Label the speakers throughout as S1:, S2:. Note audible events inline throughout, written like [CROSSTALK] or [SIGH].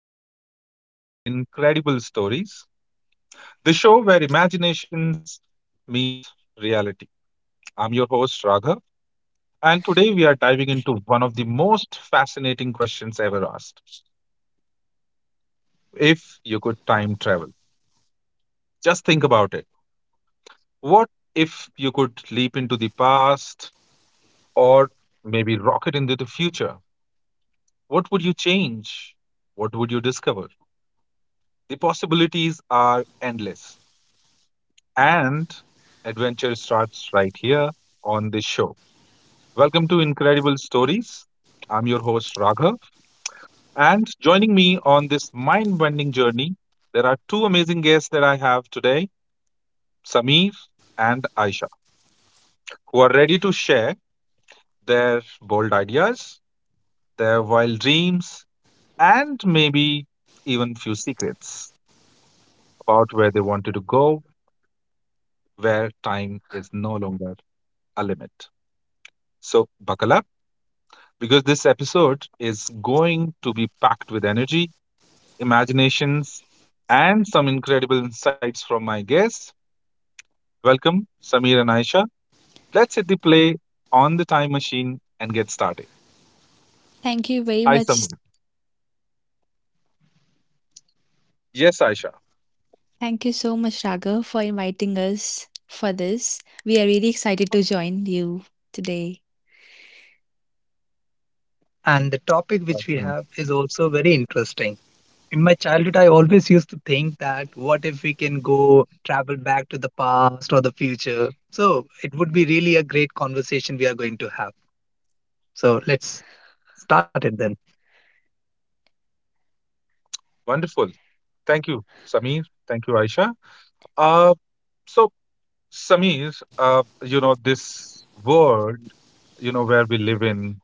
S1: and welcome to Incredible Stories, the show where imaginations meet reality. I'm your host, Raghav, and today we are diving into one of the most fascinating questions ever asked. If you could time travel, just think about it. What if you could leap into the past or maybe rocket into the future? What would you change? What would you discover? The possibilities are endless. And adventure starts right here on this show. Welcome to Incredible Stories. I'm your host, Raghav. And joining me on this mind bending journey, there are two amazing guests that I have today, Sameer and Aisha, who are ready to share their bold ideas, their wild dreams, and maybe even few secrets about where they wanted to go, where time is no longer a limit. So, buckle up because this episode is going to be packed with energy, imaginations, and some incredible insights from my guests. Welcome, Samir and Aisha. Let's hit the play on the time machine and get started.
S2: Thank you very
S1: Hi,
S2: much.
S1: Samir. Yes, Aisha.
S2: Thank you so much, Raghav, for inviting us for this. We are really excited to join you today.
S3: And the topic which we
S1: Welcome.
S3: have is also very interesting. In my childhood, I always used to think, that what if we can go travel back to the past or the future? So it would be really a great conversation we are going to have. So let's start it then.
S1: Wonderful. Thank you, Samir. Thank you, Aisha. Uh, so, Samir, this world, where we live in,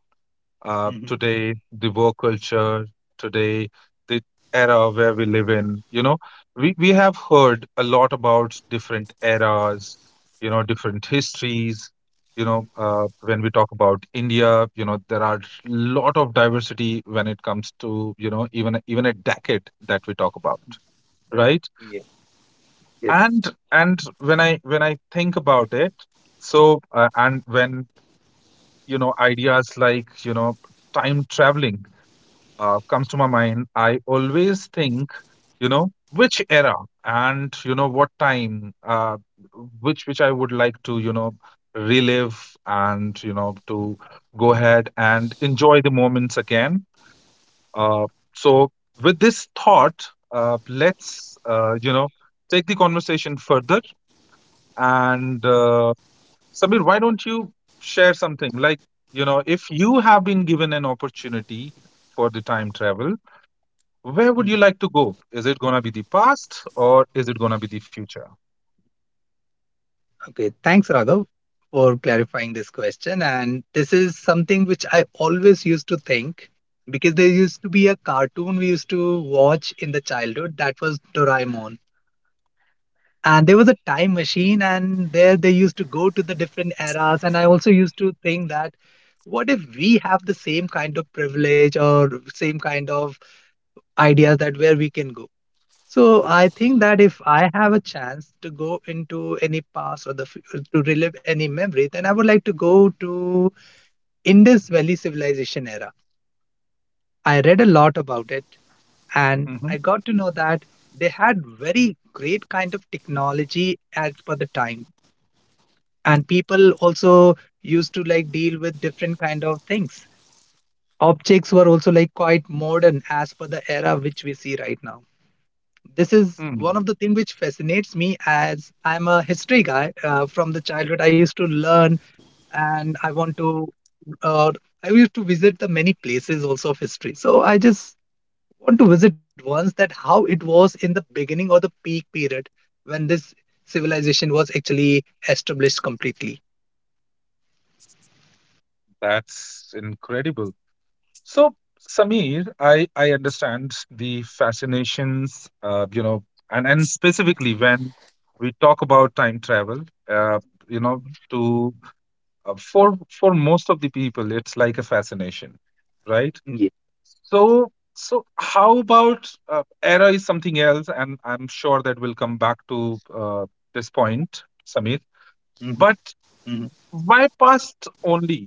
S3: Mhm.
S1: today the work culture today the era where we live in, you know
S3: Mhm.
S1: we, we have heard a lot about different eras, different histories, when we talk about India, there are lot of diversity when it comes to, even a decade that we talk about, right?
S3: Yes. Yes.
S1: And when I think about it. So and when ideas like time traveling comes to my mind, I always think, you know, which era and you know what time, which I would like to, you know, relive and you know to go ahead and enjoy the moments again. Uh, so with this thought, let's you know take the conversation further. And Samir, why don't you share something like you know if you have been given an opportunity for the time travel, where would you
S3: Mhm.
S1: like to go? Is it gonna be the past or is it gonna be the future?
S3: Okay. Thanks, Raghav, for clarifying this question. And this is something which I always used to think, because there used to be a cartoon we used to watch in the childhood, that was Doraemon, and there was a time machine and there they used to go to the different eras. And I also used to think that what if we have the same kind of privilege or same kind of ideas, that where we can go. So I think that if I have a chance to go into any past or the to relive any memory, then I would like to go to Indus Valley civilization era. I read a lot about it and
S1: Mm-hmm.
S3: I got to know that they had very great kind of technology as per the time, and people also used to like deal with different kind of things. Objects were also like quite modern as per the era which we see right now. This is one
S1: Mm,
S3: of the thing which fascinates me, as I'm a history guy, from the childhood I used to learn. And I want to uh, I used to visit the many places also of history, so I just want to visit once that how it was in the beginning or the peak period, when this civilization was actually established completely.
S1: that's incredible. So, Samir, I understand the fascinations, you know, and specifically when we talk about time travel, uh, you know,
S3: Mhm.
S1: to for most of the people it's like a fascination, right? So so how about era is something else, and I'm sure that we'll come back to this point, Samir.
S3: Yeah.
S1: But
S3: Mhm.
S1: why past only?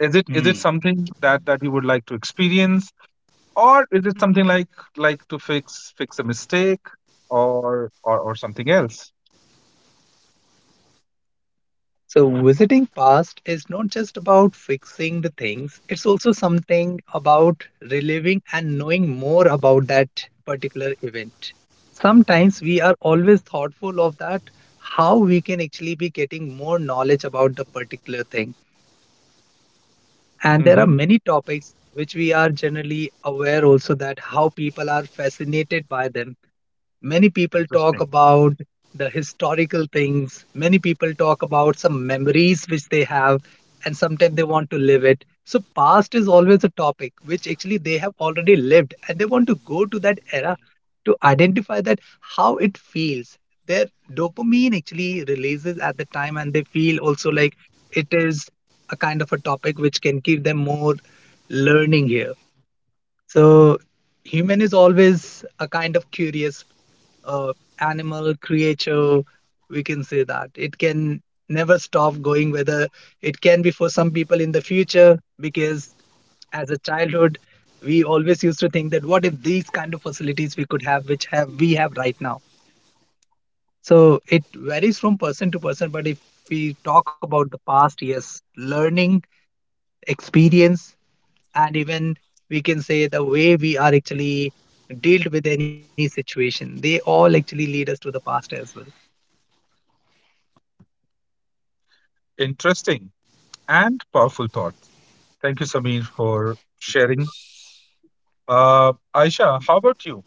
S1: Is it is it
S3: Mm.
S1: something that that you would like to experience, or is it something like to fix a mistake, or something else?
S3: So, visiting past is not just about fixing the things, it's also something about reliving and knowing more about that particular event. Sometimes we are always thoughtful of that, how we can actually be getting more knowledge about the particular thing. And there are
S1: Hmm,
S3: many topics which we are generally aware also, that how people are fascinated by them. Many people talk
S1: interesting.
S3: about the historical things. Many people talk about some memories which they have, and sometimes they want to live it. So, past is always a topic which actually they have already lived, and they want to go to that era to identify that how it feels. Their dopamine actually releases at the time, and they feel also like it is a kind of a topic which can give them more learning here. So, human is always a kind of curious uh, animal creature, we can say, that it can never stop going. Whether it can be for some people in the future, because as a childhood we always used to think that what if these kind of facilities we could have, which have we have right now. So it varies from person to person, but if we talk about the past, yes, learning, experience, and even we can say the way we are actually dealt with any situation, they all actually lead us to the past as well.
S1: Interesting and powerful thought. Thank you, Samir, for sharing. Aisha, how about you?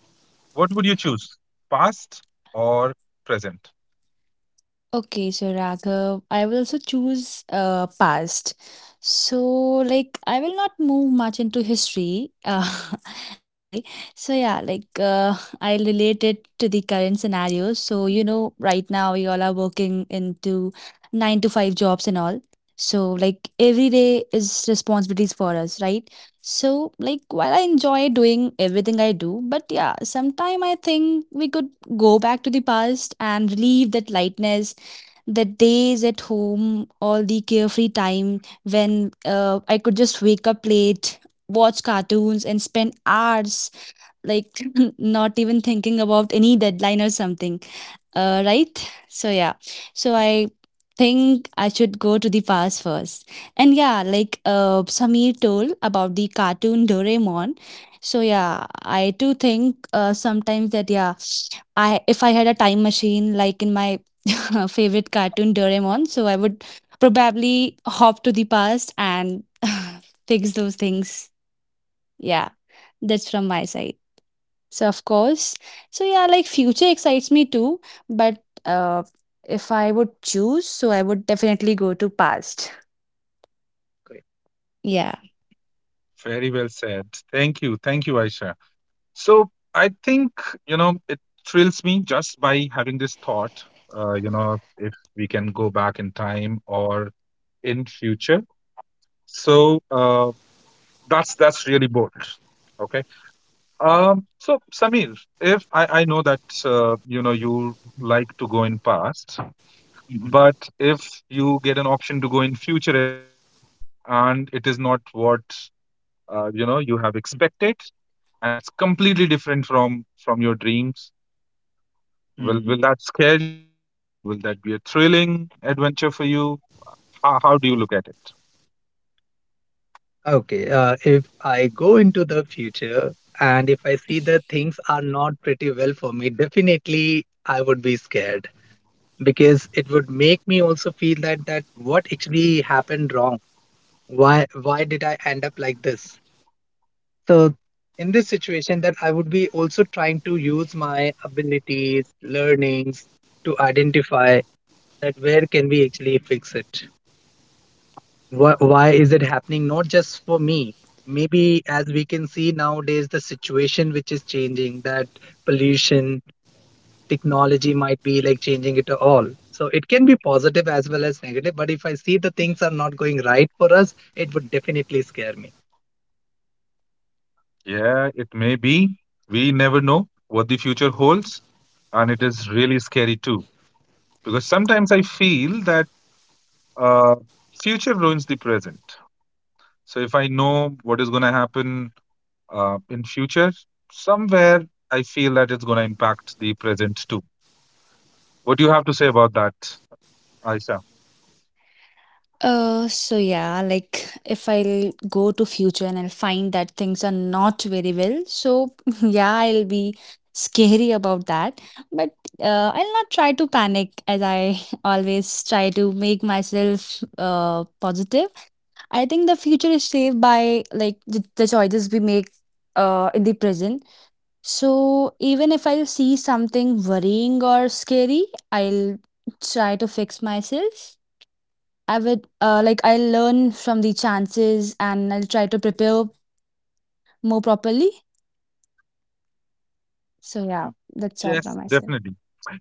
S1: What would you choose, past or present?
S2: Okay, so Raghav, I will also choose past. So, like, I will not move much into history. [LAUGHS] Okay, so yeah, like, I'll relate it to the current scenario. So, you know, right now we all are working into nine to five jobs and all. So, like, every day is responsibilities for us, right? So, like, while I enjoy doing everything I do, but yeah, sometime I think we could go back to the past and relieve that lightness, the days at home, all the carefree time when I could just wake up late, watch cartoons, and spend hours like [LAUGHS] not even thinking about any deadline or something. Right? So, yeah. So, I think I should go to the past first. And yeah, like Samir told about the cartoon Doraemon. So, yeah, I too think sometimes that, yeah, I if I had a time machine like in my [LAUGHS] favorite cartoon Doraemon, so I would probably hop to the past and [LAUGHS] fix those things. Yeah, that's from my side. So of course, so yeah, like future excites me too, but if I would choose, so I would definitely go to past.
S3: Great.
S2: Yeah.
S1: Very well said. Thank you. Thank you, Aisha. So I think, you know, it thrills me just by having this thought, you know, if we can go back in time or in future. So uh, that's really bold. Okay. So Samir, if I, know that you know you like to go in past, but if you get an option to go in future as well, and it is not what you know you have expected, and it's
S3: Mhm.
S1: completely different from your dreams, will
S3: Mhm.
S1: that scare you, or will that be a thrilling adventure for you? How do you look at it?
S3: Okay, if I go into the future and if I see that things are not pretty well for me, definitely I would be scared, because it would make me also feel that that what actually happened wrong? Why did I end up like this? So in this situation, that I would be also trying to use my abilities, learnings, to identify that where can we actually fix it. Why, is it happening, not just for me? Maybe as we can see nowadays, the situation which is changing, that pollution, technology might be like changing it all, so it can be positive as well as negative. But if I see the things are not going right for us, it would definitely scare me.
S1: Yeah, it may be. We never know what the future holds, and it is really scary too. Because sometimes I feel that uh, future ruins the present. So if I know what is going to happen in future, somewhere I feel that it's going to impact the present too. What do you have to say about that, Aisha?
S2: So yeah, like if I'll go to future and I'll find that things are not very well, so [LAUGHS] yeah, I'll be scary about that. But I'll not try to panic as I [LAUGHS] always try to make myself positive. I think the future is shaped by like the choices we make in the present. So even if I'll see something worrying or scary, I'll try to fix myself. I would like I learn from the chances and I'll try to prepare more properly. So
S3: Mhm.
S2: yeah, that's all from
S1: Yes,
S2: myself.
S1: definitely.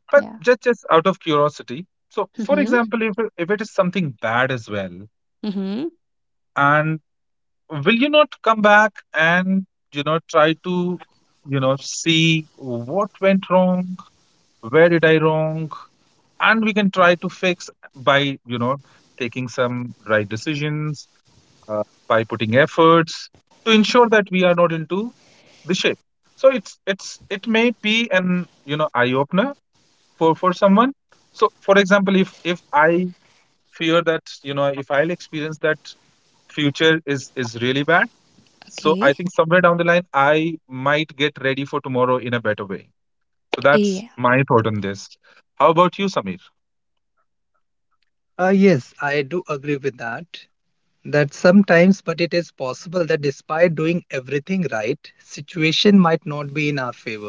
S1: But
S2: Yeah.
S1: just out of curiosity, so for
S2: Mm-hmm.
S1: example, if it is something bad as well,
S2: Mm-hmm.
S1: and will you not come back and you know try to you know see what went wrong, where did I wrong, and we can try to fix by you know taking some right decisions, uh, by putting efforts to ensure that we are not into the shape. So it's it may be an you know eye opener for someone. So for example, if I fear that you know if I'll experience that future is really bad, so I
S2: Okay.
S1: think somewhere down the line I might get ready for tomorrow in a better way. So that's
S2: Yeah.
S1: my thought on this. How about you, Samir?
S3: Yes, I do agree with that, that sometimes, but it is possible that despite doing everything right, situation might not be in our favor.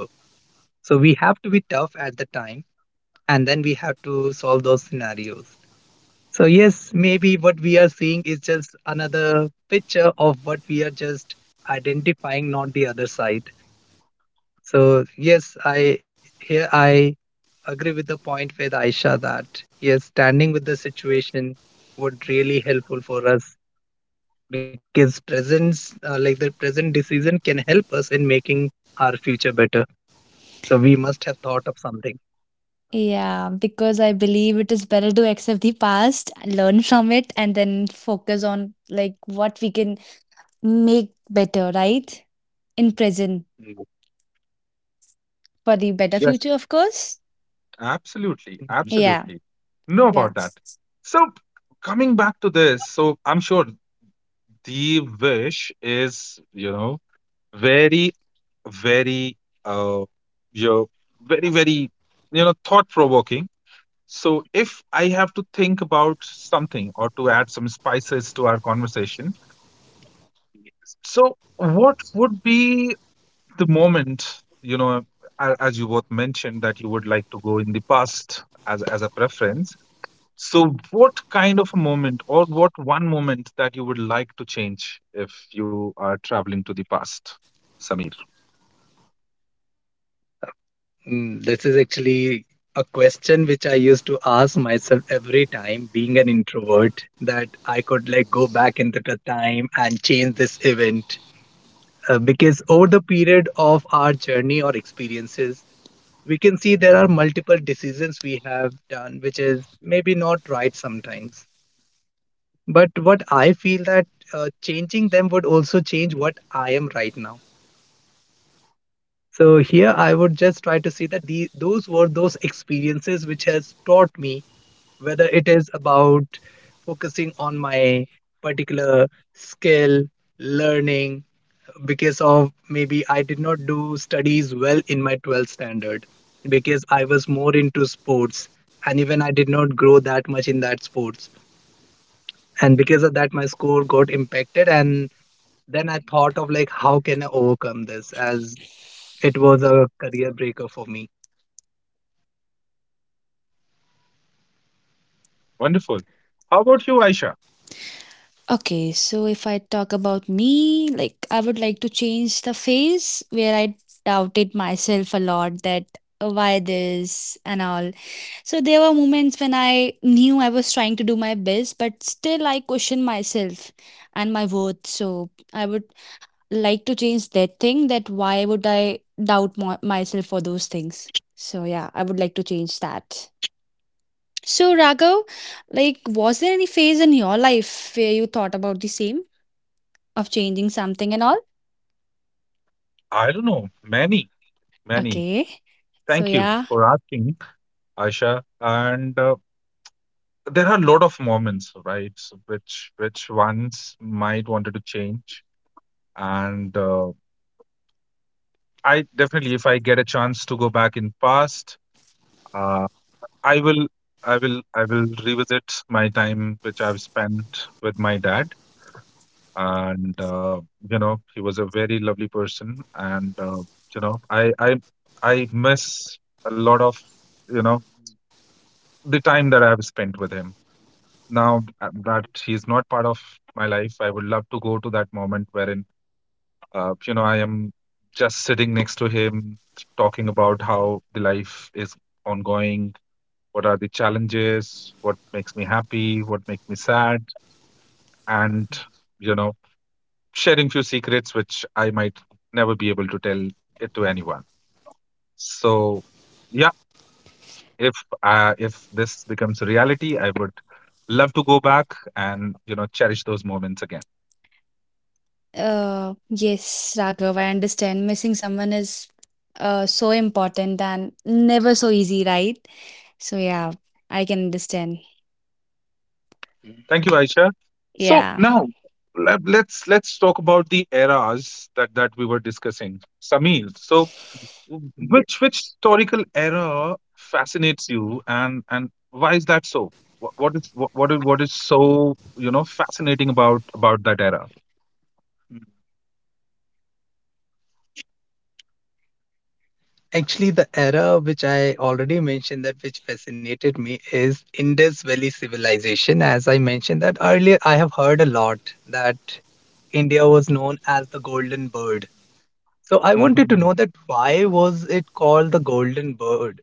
S3: So we have to be tough at the time, and then we have to solve those scenarios. So, yes, maybe what we are seeing is just another picture of what we are just identifying, not the other side. So, yes, I here I agree with the point with Aisha, that yes, standing with the situation would really helpful for us, because presence like the present decision can help us in making our future better. So we must have thought of something.
S2: Yeah, because I believe it is better to accept the past, learn from it, and then focus on like what we can make better, right? In present for the better future,
S1: Yes.
S2: of course.
S1: Absolutely,
S2: Yeah.
S1: absolutely. Know
S2: Yeah.
S1: about that. So coming back to this, so I'm sure the wish is, you know, very, very, uh, you know, very, very, you know, thought-provoking. So if I have to think about something or to add some spices to our conversation, so what would be the moment, you know, as you both mentioned that you would like to go in the past as a preference. So, what kind of a moment, or what one moment that you would like to change if you are traveling to the past, Samir?
S3: Mm. This is actually a question which I used to ask myself every time, being an introvert, that I could like go back into the time and change this event. Because over the period of our journey or experiences, we can see there are multiple decisions we have done which is maybe not right sometimes. But what I feel, that changing them would also change what I am right now. So here I would just try to see that those were those experiences which has taught me, whether it is about focusing on my particular skill, learning, because of maybe I did not do studies well in my 12th standard, because I was more into sports, and even I did not grow that much in that sports, and because of that my score got impacted. And then I thought of, like, how can I overcome this, as it was a career breaker for me.
S1: Wonderful. How about you, Aisha?
S2: Okay, so if I talk about me, like I would like to change the phase where I doubted myself a lot that "Oh, why this and all." So there were moments when I knew I was trying to do my best, but still I questioned myself and my worth. So I would like to change that thing that why would I myself for those things. So yeah, I would like to change that. So Raghav, like was there any phase in your life where you thought about the same? Of changing something and all?
S1: I don't know. Many, many.
S2: Okay. So
S1: Thank you
S2: yeah,
S1: for asking, Aisha. And there are a lot of moments, right? So which ones might wanted to change. And I definitely, if I get a chance to go back in past, uh, I will, I will revisit my time which I've spent with my dad, and you know, he was a very lovely person, and you know, I miss a lot of, you know, the time that I've spent with him. Now that he's not part of my life, I would love to go to that moment wherein, you know, I am just sitting next to him, talking about how the life is ongoing, what are the challenges, what makes me happy, what makes me sad, and you know, sharing few secrets which I might never be able to tell it to anyone. So, yeah, if if this becomes a reality, I would love to go back and you know cherish those moments again.
S2: yes, Raghav, I understand. Missing someone is so important and never so easy, right? So yeah, I can understand.
S1: Thank
S3: Mm.
S1: you, Aisha. So
S2: Yeah.
S1: now let's talk about the eras that that we were discussing. Samir, so Which
S3: Yeah.
S1: which historical era fascinates you, and why is that so? What is so you know fascinating about that era?
S3: Mm. Actually, the era which I already mentioned, that which fascinated me, is Indus Valley civilization. As I mentioned that earlier, I have heard a lot that India was known as the Golden Bird. So I wanted to know
S1: Hmm,
S3: that why was it called the Golden Bird?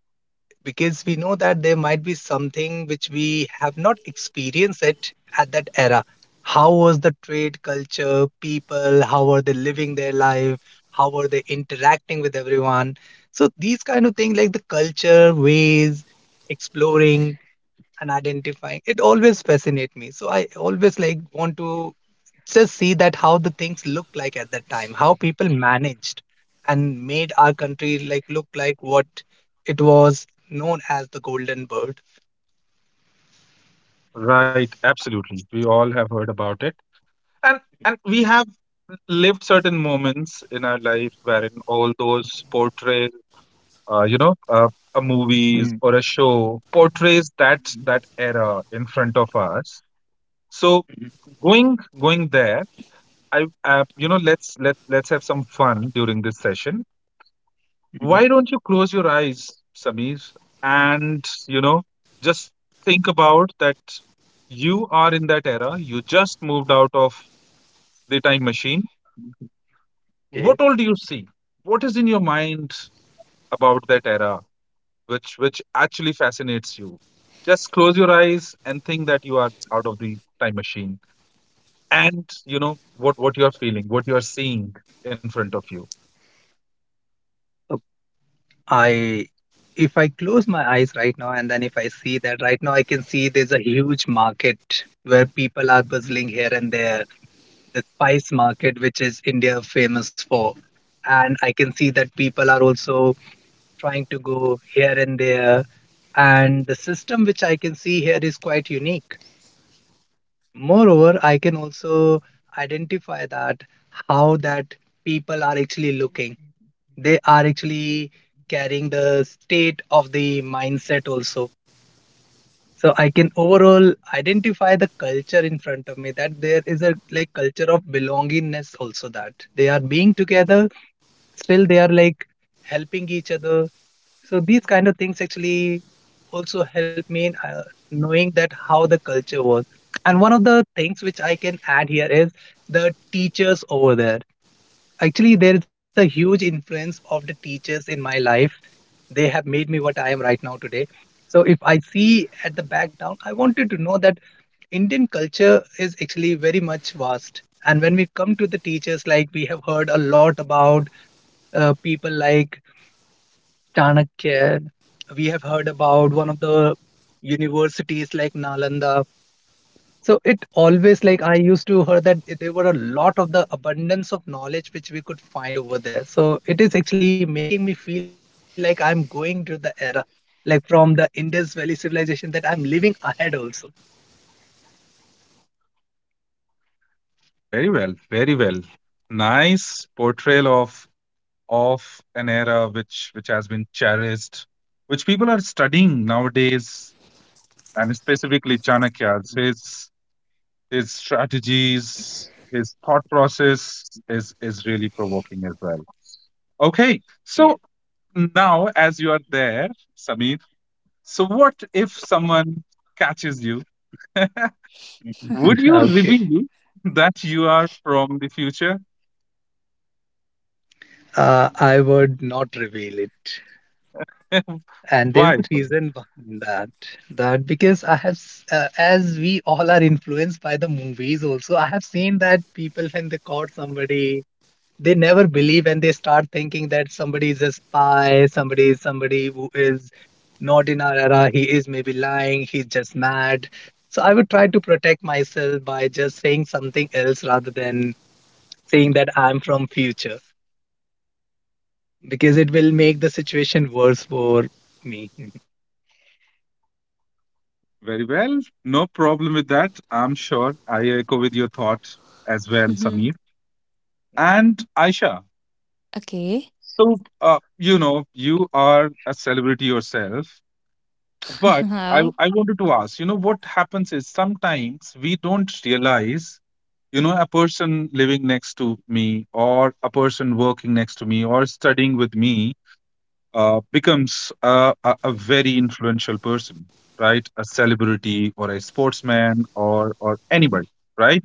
S3: Because we know that there might be something which we have not experienced it at that era. How was the trade culture, people, how are they living their life, how are they interacting with everyone? So these kind of things, like the culture ways, exploring and identifying, it always fascinate me. So I always like want to just see that how the things look like at that time, how people managed and made our country like look like what it was known as the Golden Bird.
S1: right, absolutely. We all have heard about it, and and we have lived certain moments in our life wherein all those portray, you know, a movies
S3: Mm.
S1: or a show portrays that that era in front of us. So going going there, I, you know, let's have some fun during this session.
S3: Mhm.
S1: Why don't you close your eyes, Sameer, and you know, just think about that you are in that era. You just moved out of the time machine.
S3: Mhm. Okay.
S1: What all do you see? What is in your mind about that era, which actually fascinates you? Just close your eyes and think that you are out of the time machine, and you know what you are feeling, what you are seeing in front of you.
S3: So I, if I close my eyes right now, and then if I see that, right now I can see there's a huge market where people are bustling here and there, the spice market which is India famous for. And I can see that people are also trying to go here and there. And the system which I can see here is quite unique. Moreover, I can also identify that how that people are actually looking. They are actually carrying the state of the mindset also. So I can overall identify the culture in front of me, that there is a like culture of belongingness also, that they are being together, still they are like helping each other. So these kind of things actually also help me in knowing that how the culture was. And one of the things which I can add here is the teachers over there. Actually, there is a huge influence of the teachers in my life. They have made me what I am right now today. So if I see at the background, I wanted to know that Indian culture is actually very much vast, and when we come to the teachers, like we have heard a lot about people like Chanakya. We have heard about one of the universities like Nalanda. So it always like I used to hear that there were a lot of the abundance of knowledge which we could find over there. So it is actually making me feel like I'm going to the era, like from the Indus Valley civilization, that I'm living ahead also.
S1: Very well, very well. Nice portrayal of an era which has been cherished, which people are studying nowadays, and specifically Chanakya's his strategies, his thought process is really provoking as well. Okay,
S3: Yeah.
S1: so now as you are there, Sameer, so what if someone catches you? Would
S3: [LAUGHS]
S1: you
S3: Okay.
S1: reveal that you are from the future?
S3: I would not reveal it. And
S1: Why?
S3: there's a reason behind that. That because I have, as we all are influenced by the movies, also, I have seen that people, when they caught somebody, they never believe and they start thinking that somebody is a spy, somebody is somebody who is not in our era, he is maybe lying, he's just mad. So I would try to protect myself by just saying something else rather than saying that I'm from future, because it will make the situation worse for me.
S1: Very well. No problem with that. I'm sure I echo with your thoughts as well,
S2: Mhm.
S1: Samir. And Aisha,
S2: Okay.
S1: so, you know, you are a celebrity yourself, but
S2: [LAUGHS]
S1: I,
S2: How?
S1: I wanted to ask, you know, what happens is sometimes we don't realize, you know, a person living next to me or a person working next to me or studying with me becomes a, a very influential person, right? A celebrity or a sportsman or anybody, right?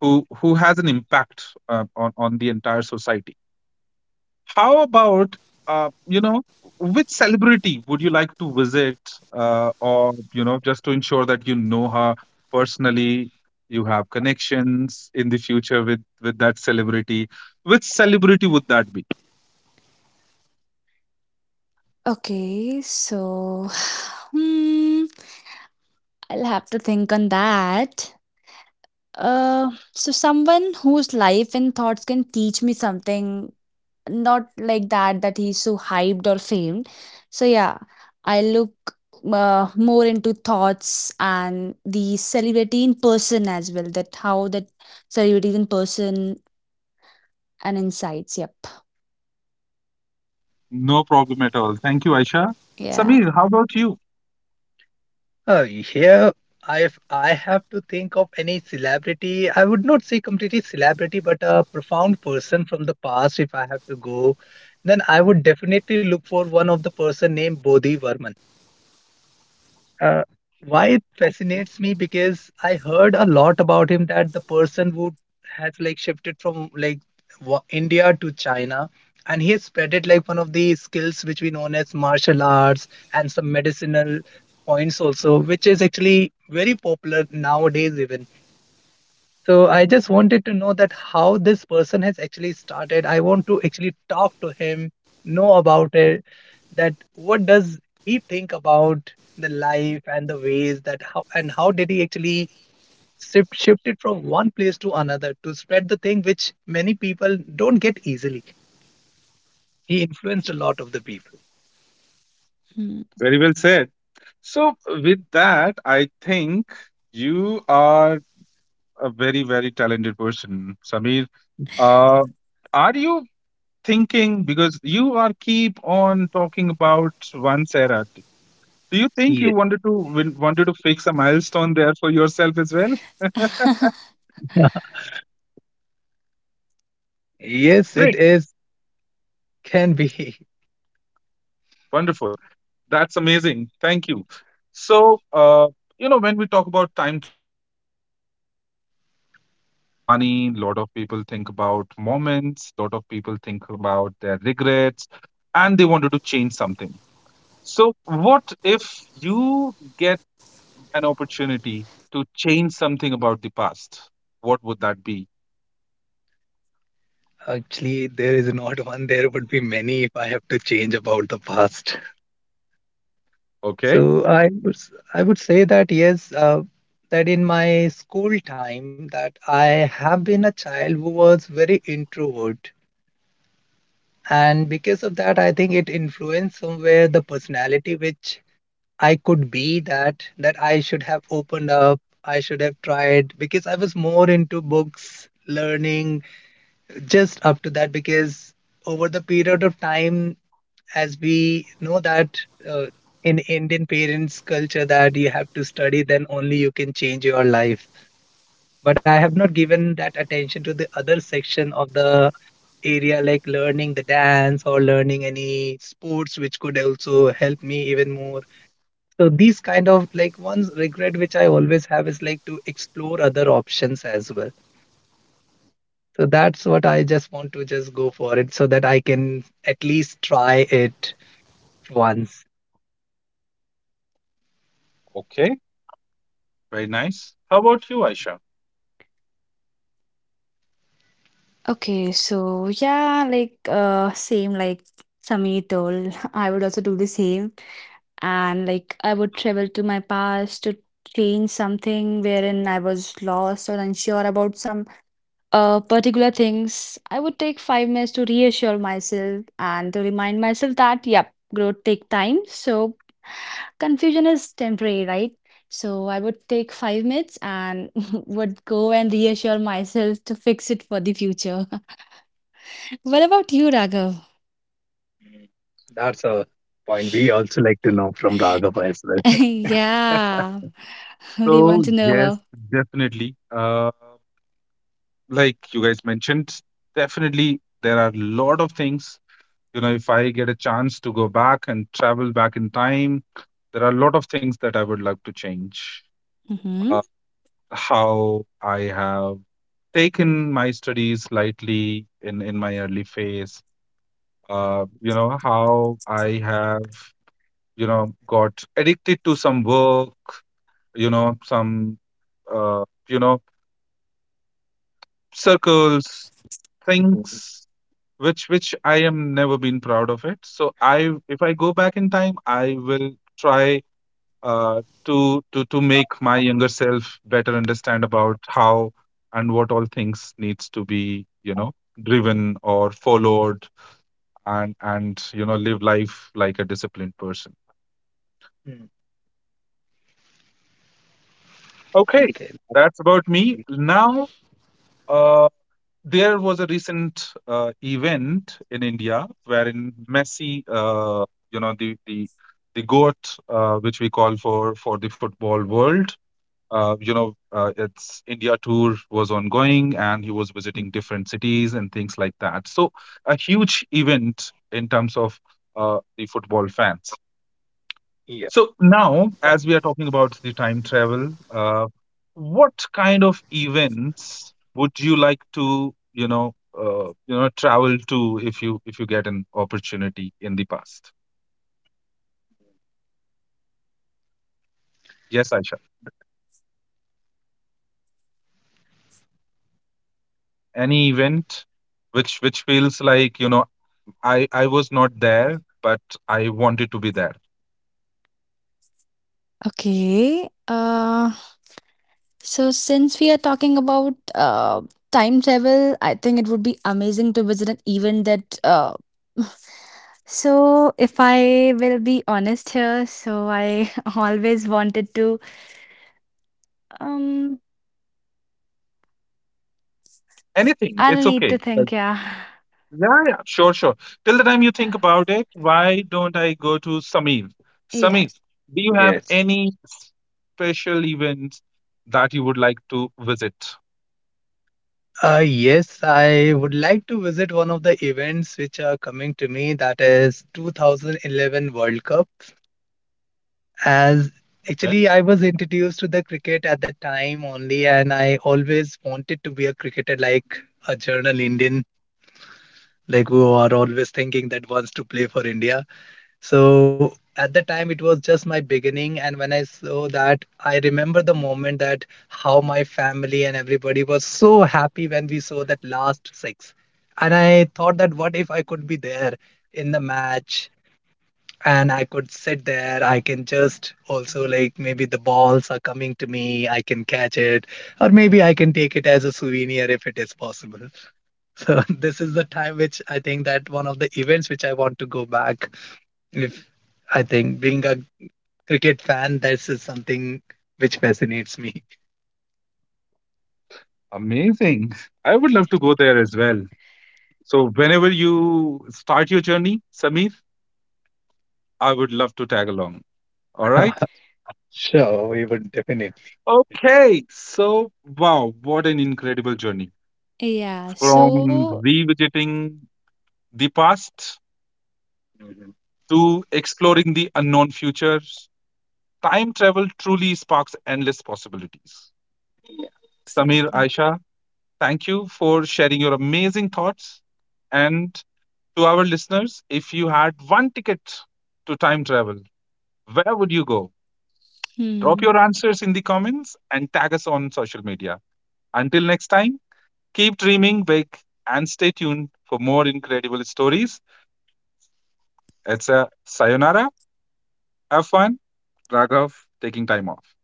S1: Who has an impact on the entire society. How about you know which celebrity would you like to visit, or you know just to ensure that you know her personally? You have connections in the future with that celebrity. Which celebrity would that be?
S2: Okay. So, [SIGHS] hmm, I'll have to think on that. So someone whose life and thoughts can teach me something, not like that that he's so hyped or famed. So yeah, I look more into thoughts and the celebrity in person as well, that how that celebrity is in person, and insights. Yep.
S1: No problem at all. Thank you, Aisha.
S2: Yeah.
S1: Samir, how about you?
S3: Oh, here, if I have to think of any celebrity, I would not say completely celebrity, but a profound person from the past, if I have to go, then I would definitely look for one of the person named Bodhi Varman. Uh, why it fascinates me, because I heard a lot about him, that the person who has like shifted from like India to China, and he has spread it, like one of the skills which we known as martial arts, and some medicinal points also, which is actually very popular nowadays even. So I just wanted to know that how this person has actually started. I want to actually talk to him, know about it, that what does he think about the life and the ways, that how and how did he actually shift it from one place to another to spread the thing which many people don't get easily. He influenced a lot of the people.
S2: Hmm.
S1: Very well said. So, with that, I think you are a very, very talented person, Samir. Uh, are you thinking, because you are keep on talking about one Sarah, do you think you
S3: Yes.
S1: wanted to wanted to fix a milestone there for yourself as well?
S3: [LAUGHS]
S1: Okay,
S3: Yes, it
S1: great,
S3: is. Can be.
S1: wonderful. That's amazing. Thank you. So, you know, when we talk about time travel, you know, a lot of people think about money, a lot of people think about moments, a lot of people think about their regrets, and they wanted to change something. So, what if you get an opportunity to change something about the past? What would that be?
S3: [LAUGHS] Actually, there is not one. There would be many if I have to change about the past.
S1: Okay.
S3: So I would I would say that yes, that in my school time, that I have been a child who was very introvert, and because of that, I think it influenced somewhere the personality which I could be, that that I should have opened up, I should have tried, because I was more into books, learning, just up to that. Because over the period of time, as we know that uh, in Indian parents' culture, that you have to study, then only you can change your life. But I have not given that attention to the other section of the area, like learning the dance or learning any sports, which could also help me even more. So these kind of like one's regret, which I always have, is like to explore other options as well. So that's what I just want to just go for it, so that I can at least try it once.
S1: Okay. Very nice. How about you, Aisha?
S2: Okay, so yeah, like same like Sami told, [LAUGHS] I would also do the same. And like I would travel to my past to change something wherein I was lost or unsure about some particular things. I would take 5 minutes to reassure myself and to remind myself that, yep, growth take time. So confusion is temporary, right? So I would take 5 minutes and [LAUGHS] would go and reassure myself to fix it for the future. [LAUGHS] What about you, Raghav?
S3: That's a point we also like to know from Raghava as well.
S2: [LAUGHS] Yeah, [LAUGHS] we
S1: So,
S2: want to know.
S1: yes, definitely. Like you guys mentioned, definitely there are a lot of things. You know, if I get a chance to go back and travel back in time, there are a lot of things that I would like to change.
S2: Mhm.
S1: Uh, how I have taken my studies slightly in my early phase, you know, how I have, you know, got addicted to some work, you know, some, you know, circles,
S3: Mhm.
S1: things which I am never been proud of it. So I, if I go back in time, I will try to make my younger self better understand about how and what all things needs to be, you know, driven or followed, and you know, live life like a disciplined person.
S3: Mm.
S1: Okay,
S3: Okay.
S1: that's about me now. Uh, There was a recent event in India wherein Messi, you know, the goat, which we call for the football world. You know, its India tour was ongoing, and he was visiting different cities and things like that. So, a huge event in terms of the football fans.
S3: Yeah.
S1: So now, as we are talking about the time travel, what kind of events would you like to, you know, travel to if you get an opportunity in the past? Yes, Aisha. Any event which feels like, you know, I was not there, but I wanted to be there.
S2: Okay. So, since we are talking about time travel, I think it would be amazing to visit an event that. [SIGHS] [LAUGHS] So, if I will be honest here, so I [LAUGHS] always wanted to. Um,
S1: Anything, it's
S2: I'll need
S1: okay.
S2: to think. Yeah.
S1: Yeah, yeah, sure, sure. Till the time you think about it, why don't I go to Samir?
S2: Yeah.
S1: Samir, do you have
S3: Yes.
S1: any special events that you would like to visit?
S3: Yes, I would like to visit one of the events which are coming to me, that is 2011 World Cup. As
S1: Okay,
S3: actually, I was introduced to the cricket at the time only, and I always wanted to be a cricketer like a journal Indian, like who are always thinking that wants to play for India. So at the time, it was just my beginning. And when I saw that, I remember the moment that how my family and everybody was so happy when we saw that last six. And I thought that what if I could be there in the match and I could sit there? I can just also, like, maybe the balls are coming to me, I can catch it, or maybe I can take it as a souvenir if it is possible. [LAUGHS] So this is the time which I think, that one of the events which I want to go back if. I think being a cricket fan, this is something which fascinates me.
S1: amazing. I would love to go there as well. So, whenever you start your journey, Samir, I would love to tag along. All right.
S3: [LAUGHS] Sure, we would definitely.
S1: Okay. So, wow, what an incredible journey
S2: Yeah.
S1: from
S2: So.
S1: revisiting the past
S3: Mhm.
S1: to exploring the unknown future, time travel truly sparks endless possibilities. Samir,
S2: Exactly.
S1: Aisha, thank you for sharing your amazing thoughts. And to our listeners, if you had one ticket to time travel, where would you go? Drop
S2: Hmm.
S1: your answers in the comments and tag us on social media. Until next time, keep dreaming big and stay tuned for more incredible stories. It's a sayonara. Have fun. Raghav taking time off.